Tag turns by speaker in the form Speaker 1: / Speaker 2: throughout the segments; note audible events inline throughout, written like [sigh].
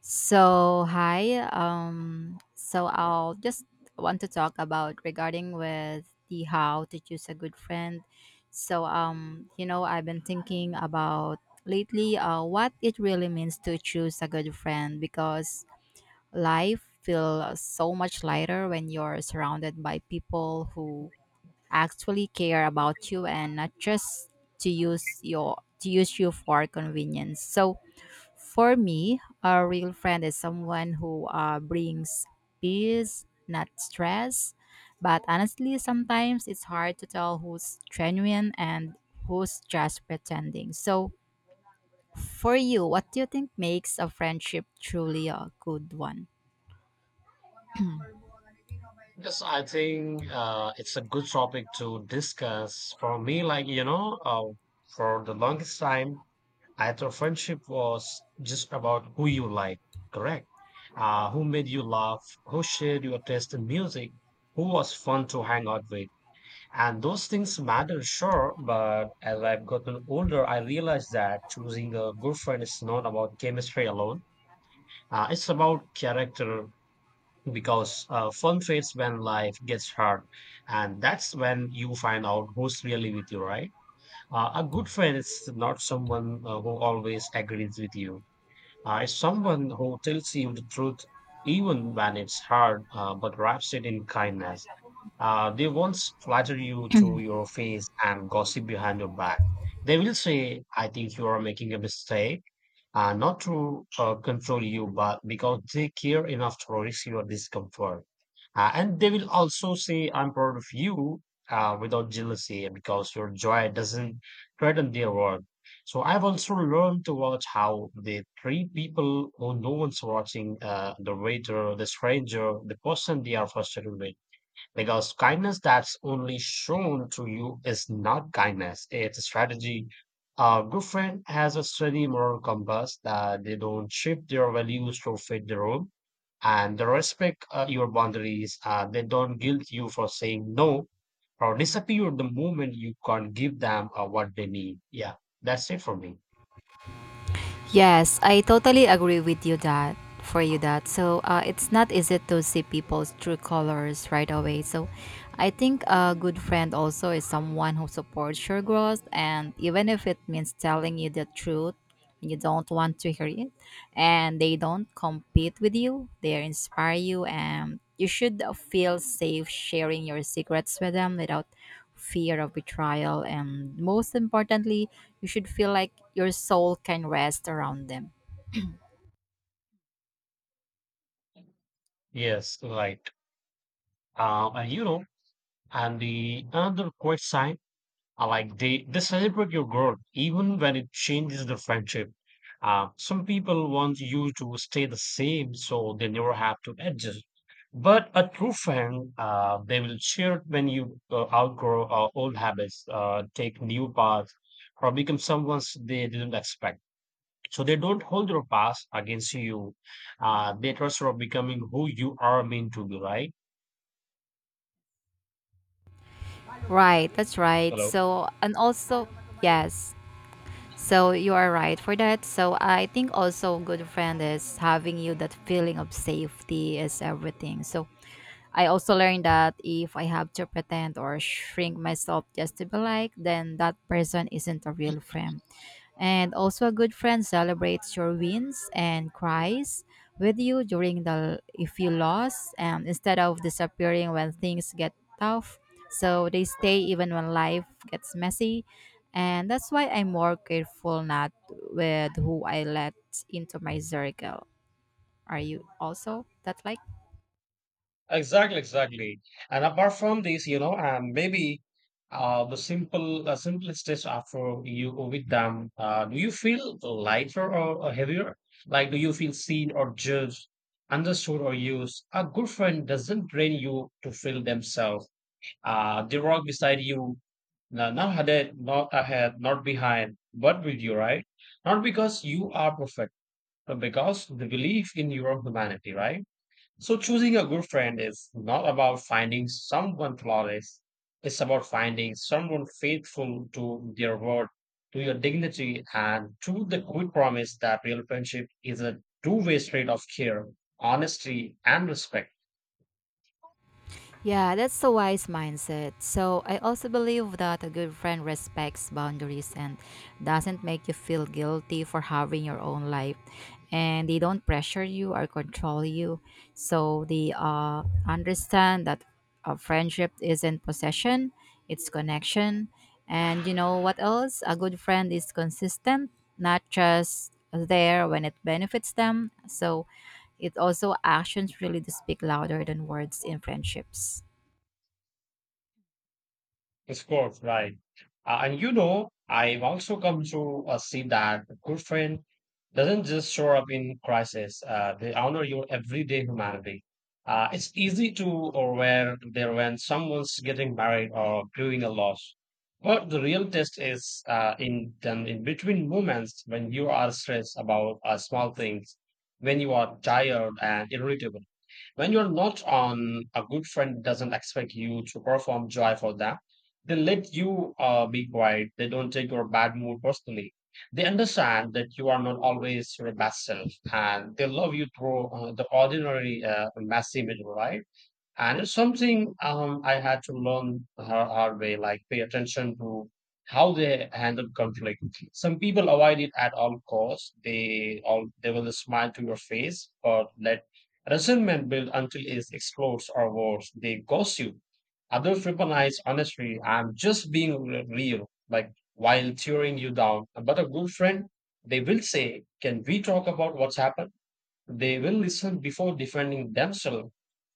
Speaker 1: So hi, so I'll just want to talk about regarding with the how to choose a good friend. I've been thinking about lately what it really means to choose a good friend because life feels so much lighter when you're surrounded by people who actually care about you and not just to use you for convenience. So for me, a real friend is someone who brings peace, not stress. But honestly, sometimes it's hard to tell who's genuine and who's just pretending. So, for you, what do you think makes a friendship truly a good one?
Speaker 2: Yes, I think it's a good topic to discuss. For me, like, for the longest time, I thought friendship was just about who you like, correct? Who made you laugh, who shared your taste in music, who was fun to hang out with. And those things matter, sure, but as I've gotten older, I realized that choosing a good friend is not about chemistry alone. It's about character, because fun fades when life gets hard, and that's when you find out who's really with you, right? A good friend is not someone who always agrees with you. Is someone who tells you the truth even when it's hard, but wraps it in kindness. They won't flatter you to your face and gossip behind your back. They will say, I think you are making a mistake, not to control you, but because they care enough to risk your discomfort. And they will also say, I'm proud of you without jealousy because your joy doesn't threaten their work. So I've also learned to watch how the three people who no one's watching, the waiter, the stranger, the person they are frustrated with, because kindness that's only shown to you is not kindness, it's a strategy. A good friend has a steady moral compass that they don't shift their values to fit the room and they respect your boundaries. They don't guilt you for saying no or disappear the moment you can't give them what they need. Yeah, that's it for me.
Speaker 1: Yes, I totally agree with you that for you that. So it's not easy to see people's true colors right away. So I think a good friend also is someone who supports your growth, and even if it means telling you the truth when you don't want to hear it, and they don't compete with you, they inspire you, and you should feel safe sharing your secrets with them without fear of betrayal, and most importantly, you should feel like your soul can rest around them.
Speaker 2: Yes, right. And you know, and the another quick sign. Like they celebrate your growth even when it changes the friendship. Some people want you to stay the same so they never have to adjust. But a true friend, they will cheer when you outgrow old habits, take new paths, or become someone they didn't expect. So they don't hold your past against you. They trust you of becoming who you are meant to be, right?
Speaker 1: Right, that's right.
Speaker 2: Hello.
Speaker 1: So, and also, yes. So you are right for that. So I think also good friend is having you that feeling of safety is everything. So I also learned that if I have to pretend or shrink myself just to be liked, then that person isn't a real friend. And also, a good friend celebrates your wins and cries with you during the if you lost, and instead of disappearing when things get tough. So they stay even when life gets messy, and that's why I'm more careful not with who I let into my circle. Are you also that like?
Speaker 2: Exactly, exactly. And apart from this, you know, and maybe the simplest after you with them, do you feel lighter or heavier? Like, do you feel seen or judged, understood or used? A good friend doesn't train you to feel themselves. They walk beside you, not ahead, not behind, but with you, right? Not because you are perfect, but because they believe in your humanity, right? So choosing a good friend is not about finding someone flawless. It's about finding someone faithful to their word, to your dignity, and to the good promise that real friendship is a two-way street of care, honesty, and respect.
Speaker 1: Yeah, that's a wise mindset. So, I also believe that a good friend respects boundaries and doesn't make you feel guilty for having your own life. And they don't pressure you or control you. So, they understand that a friendship isn't possession, it's connection. And you know what else? A good friend is consistent, not just there when it benefits them. So it also actions really do speak louder than words in friendships.
Speaker 2: Of course, right. And you know, I've also come to see that a good friend doesn't just show up in crisis. They honor your everyday humanity. It's easy to aware there when someone's getting married or grieving a loss. But the real test is in then in between moments when you are stressed about small things, when you are tired and irritable. When you're not on, a good friend doesn't expect you to perform joy for them. They let you be quiet. They don't take your bad mood personally. They understand that you are not always your best self, and they love you through the ordinary, messy middle, right? And it's something I had to learn the hard way, like pay attention to how they handle conflict. Some people avoid it at all costs. They will smile to your face, but let resentment build until it explodes or worse. They ghost you. Others recognize honestly, I'm just being real, like while tearing you down. But a good friend, they will say, Can we talk about what's happened? They will listen before defending themselves.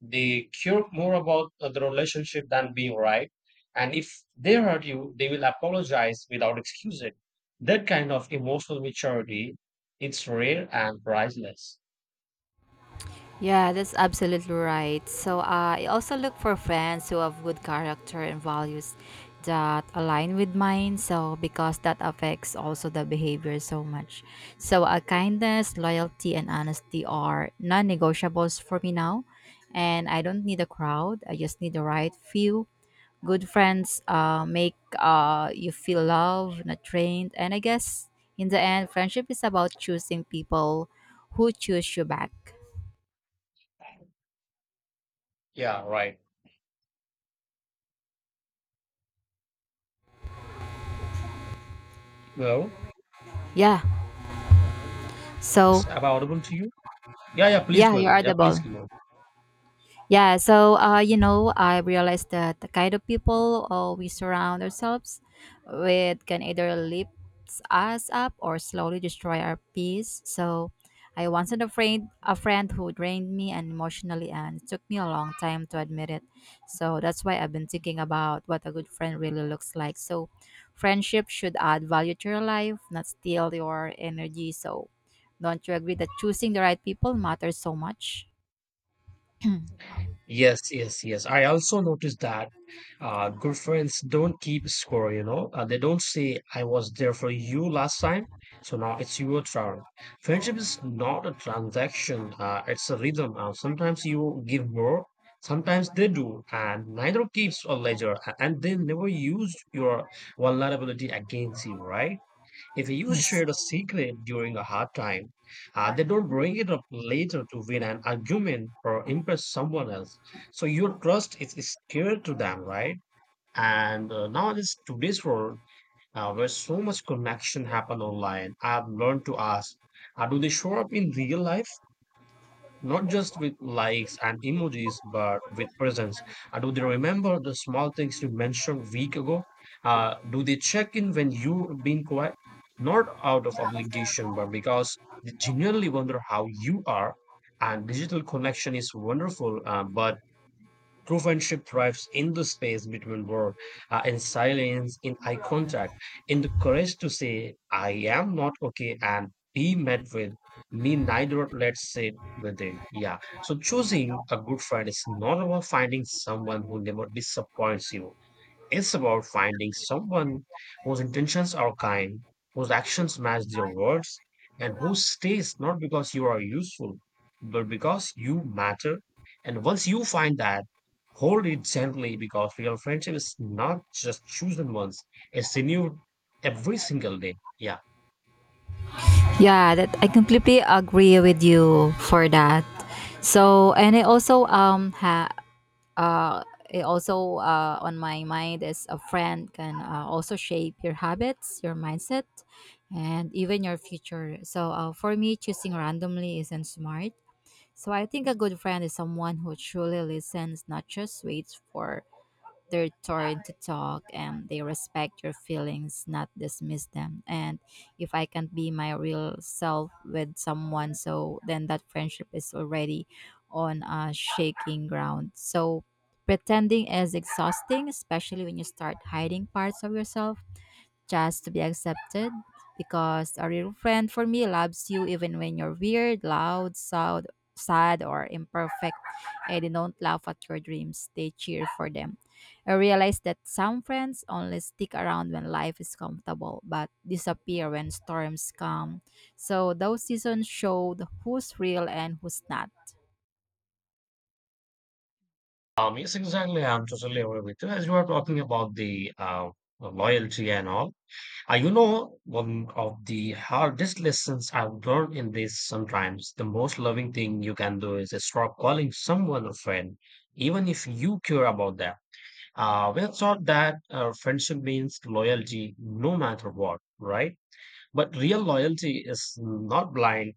Speaker 2: They care more about the relationship than being right. And if they hurt you, they will apologize without excusing. That kind of emotional maturity, it's rare and priceless.
Speaker 1: Yeah, that's absolutely right. So I also look for friends who have good character and values that align with mine. So because that affects also the behavior so much. So kindness, loyalty, and honesty are non-negotiables for me now. And I don't need a crowd. I just need the right few. Good friends make you feel loved, not trained. And I guess in the end, friendship is about choosing people who choose you back.
Speaker 2: Yeah, right. Well,
Speaker 1: Yeah,
Speaker 2: it's
Speaker 1: so,
Speaker 2: available to you. Yeah, yeah, please
Speaker 1: yeah,
Speaker 2: go
Speaker 1: you're
Speaker 2: ahead. Yeah, please
Speaker 1: audible.
Speaker 2: keep going.
Speaker 1: Yeah, so I realized that the kind of people we surround ourselves with can either lift us up or slowly destroy our peace. So I once had a friend who drained me and emotionally, and it took me a long time to admit it. So that's why I've been thinking about what a good friend really looks like. So friendship should add value to your life, not steal your energy. So don't you agree that choosing the right people matters so much? [clears throat]
Speaker 2: Yes, yes, yes. I also noticed that good friends don't keep score, you know. They don't say, I was there for you last time, so now it's your turn. Friendship is not a transaction, it's a rhythm. Sometimes you give more, sometimes they do, and neither keeps a ledger, and they never use your vulnerability against you, right? If you
Speaker 1: Yes,
Speaker 2: shared a secret during a hard time, they don't bring it up later to win an argument or impress someone else. So your trust is scared to them, right? And now this today's world, where so much connection happen online, I've learned to ask, do they show up in real life? Not just with likes and emojis, but with presence. And do they remember the small things you mentioned a week ago? Do they check in when you're being quiet? Not out of obligation, but because they genuinely wonder how you are. And digital connection is wonderful, but true friendship thrives in the space between work, in silence, in eye contact, in the courage to say, I am not okay, and be met with me neither, let's sit with it. Yeah. So choosing a good friend is not about finding someone who never disappoints you. It's about finding someone whose intentions are kind, whose actions match their words, and who stays not because you are useful, but because you matter. And once you find that, hold it gently because real friendship is not just chosen once, it's renewed every single day. Yeah.
Speaker 1: yeah, that I completely agree with you for that. So, and uh I also on my mind is a friend can also shape your habits, your mindset, and even your future. So, for me, choosing randomly isn't smart. So, I think a good friend is someone who truly listens, not just waits for their turn to talk and they respect your feelings, not dismiss them. And if I can't be my real self with someone, so then that friendship is already on a shaking ground. So pretending is exhausting, especially when you start hiding parts of yourself just to be accepted because a real friend for me loves you even when you're weird, loud, sad or imperfect and they don't laugh at your dreams. They cheer for them. I realize that some friends only stick around when life is comfortable but disappear when storms come. So those seasons showed who's real and who's not.
Speaker 2: Yes, exactly. I'm totally aware with you. As you are talking about the loyalty and all, you know, one of the hardest lessons I've learned in this sometimes, the most loving thing you can do is stop calling someone a friend, even if you care about them. We're taught that friendship means loyalty no matter what, right? But real loyalty is not blind,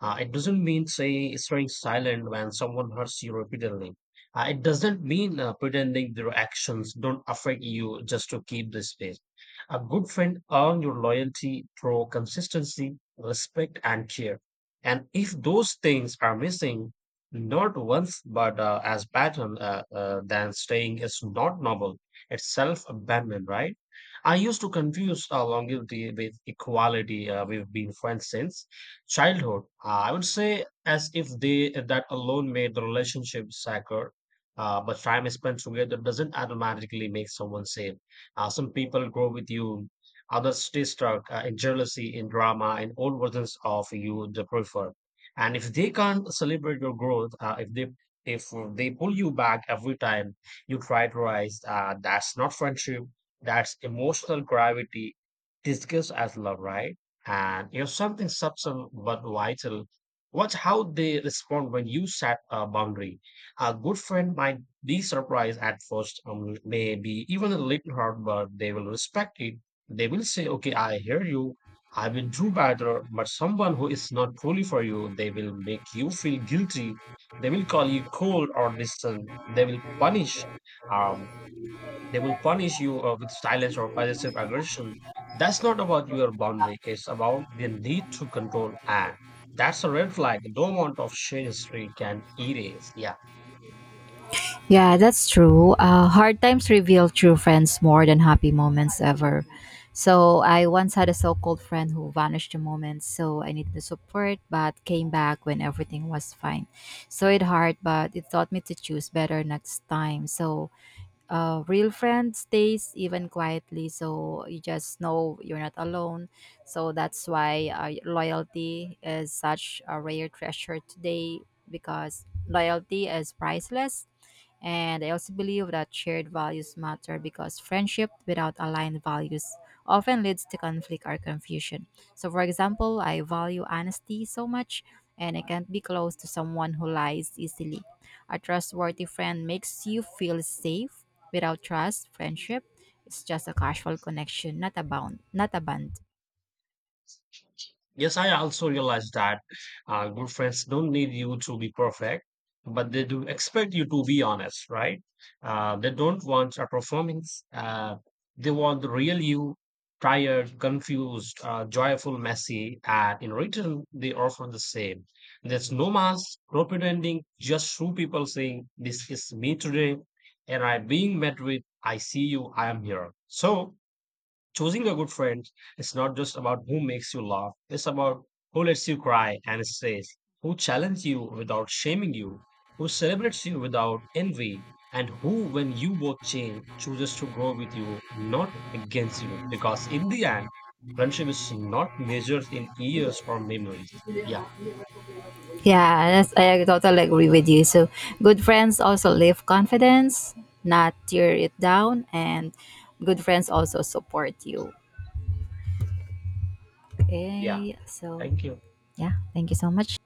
Speaker 2: it doesn't mean say staying silent when someone hurts you repeatedly. It doesn't mean pretending their actions don't affect you just to keep the space. A good friend earns your loyalty through consistency, respect, and care. And if those things are missing, not once but as pattern, then staying is not noble. It's self abandonment, right? I used to confuse longevity with equality. We've been friends since childhood, I would say, as if they that alone made the relationship sacred, but time spent together doesn't automatically make someone safe. Some people grow with you, others stay stuck in jealousy, in drama, in old versions of you they prefer. And if they can't celebrate your growth, if they pull you back every time you try to rise, that's not friendship, that's emotional gravity discussed as love, right? And you know, something subtle but vital. Watch how they respond when you set a boundary. A good friend might be surprised at first, maybe even a little hurt, but they will respect it. They will say, okay, I hear you. I will do better. But someone who is not truly for you, they will make you feel guilty. They will call you cold or distant. They will punish. Um, they will punish you with silence or passive aggression. That's not about your boundary, it's about the need to control. And that's a red flag. No amount of shade history can erase. Yeah.
Speaker 1: Yeah, that's true. Hard times reveal true friends more than happy moments ever. So I once had a so-called friend who vanished the moment, so I needed the support, but came back when everything was fine. So it hurt, but it taught me to choose better next time. So a real friend stays even quietly, so you just know you're not alone. So that's why loyalty is such a rare treasure today because loyalty is priceless and I also believe that shared values matter because friendship without aligned values often leads to conflict or confusion. So, for example, I value honesty so much, and I can't be close to someone who lies easily. A trustworthy friend makes you feel safe. Without trust, friendship, it's just a casual connection, not a bond.
Speaker 2: Yes, I also realize that good friends don't need you to be perfect, but they do expect you to be honest, right? They don't want a performance. They want the real you, tired, confused, joyful, messy, and in return, they offer the same. There's no mask, no pretending, just true people saying, This is me today, and I'm being met with, I see you, I am here. So, choosing a good friend is not just about who makes you laugh, it's about who lets you cry and is safe, who challenges you without shaming you, who celebrates you without envy, and who, when you both change, chooses to grow with you, not against you. Because in the end, friendship is not measured in years or memories. Yeah,
Speaker 1: Yeah, that's, I totally agree with you. So, good friends also lift confidence, not tear it down, and good friends also support you.
Speaker 2: yeah.
Speaker 1: Okay, so
Speaker 2: Thank you.
Speaker 1: yeah, thank you so much.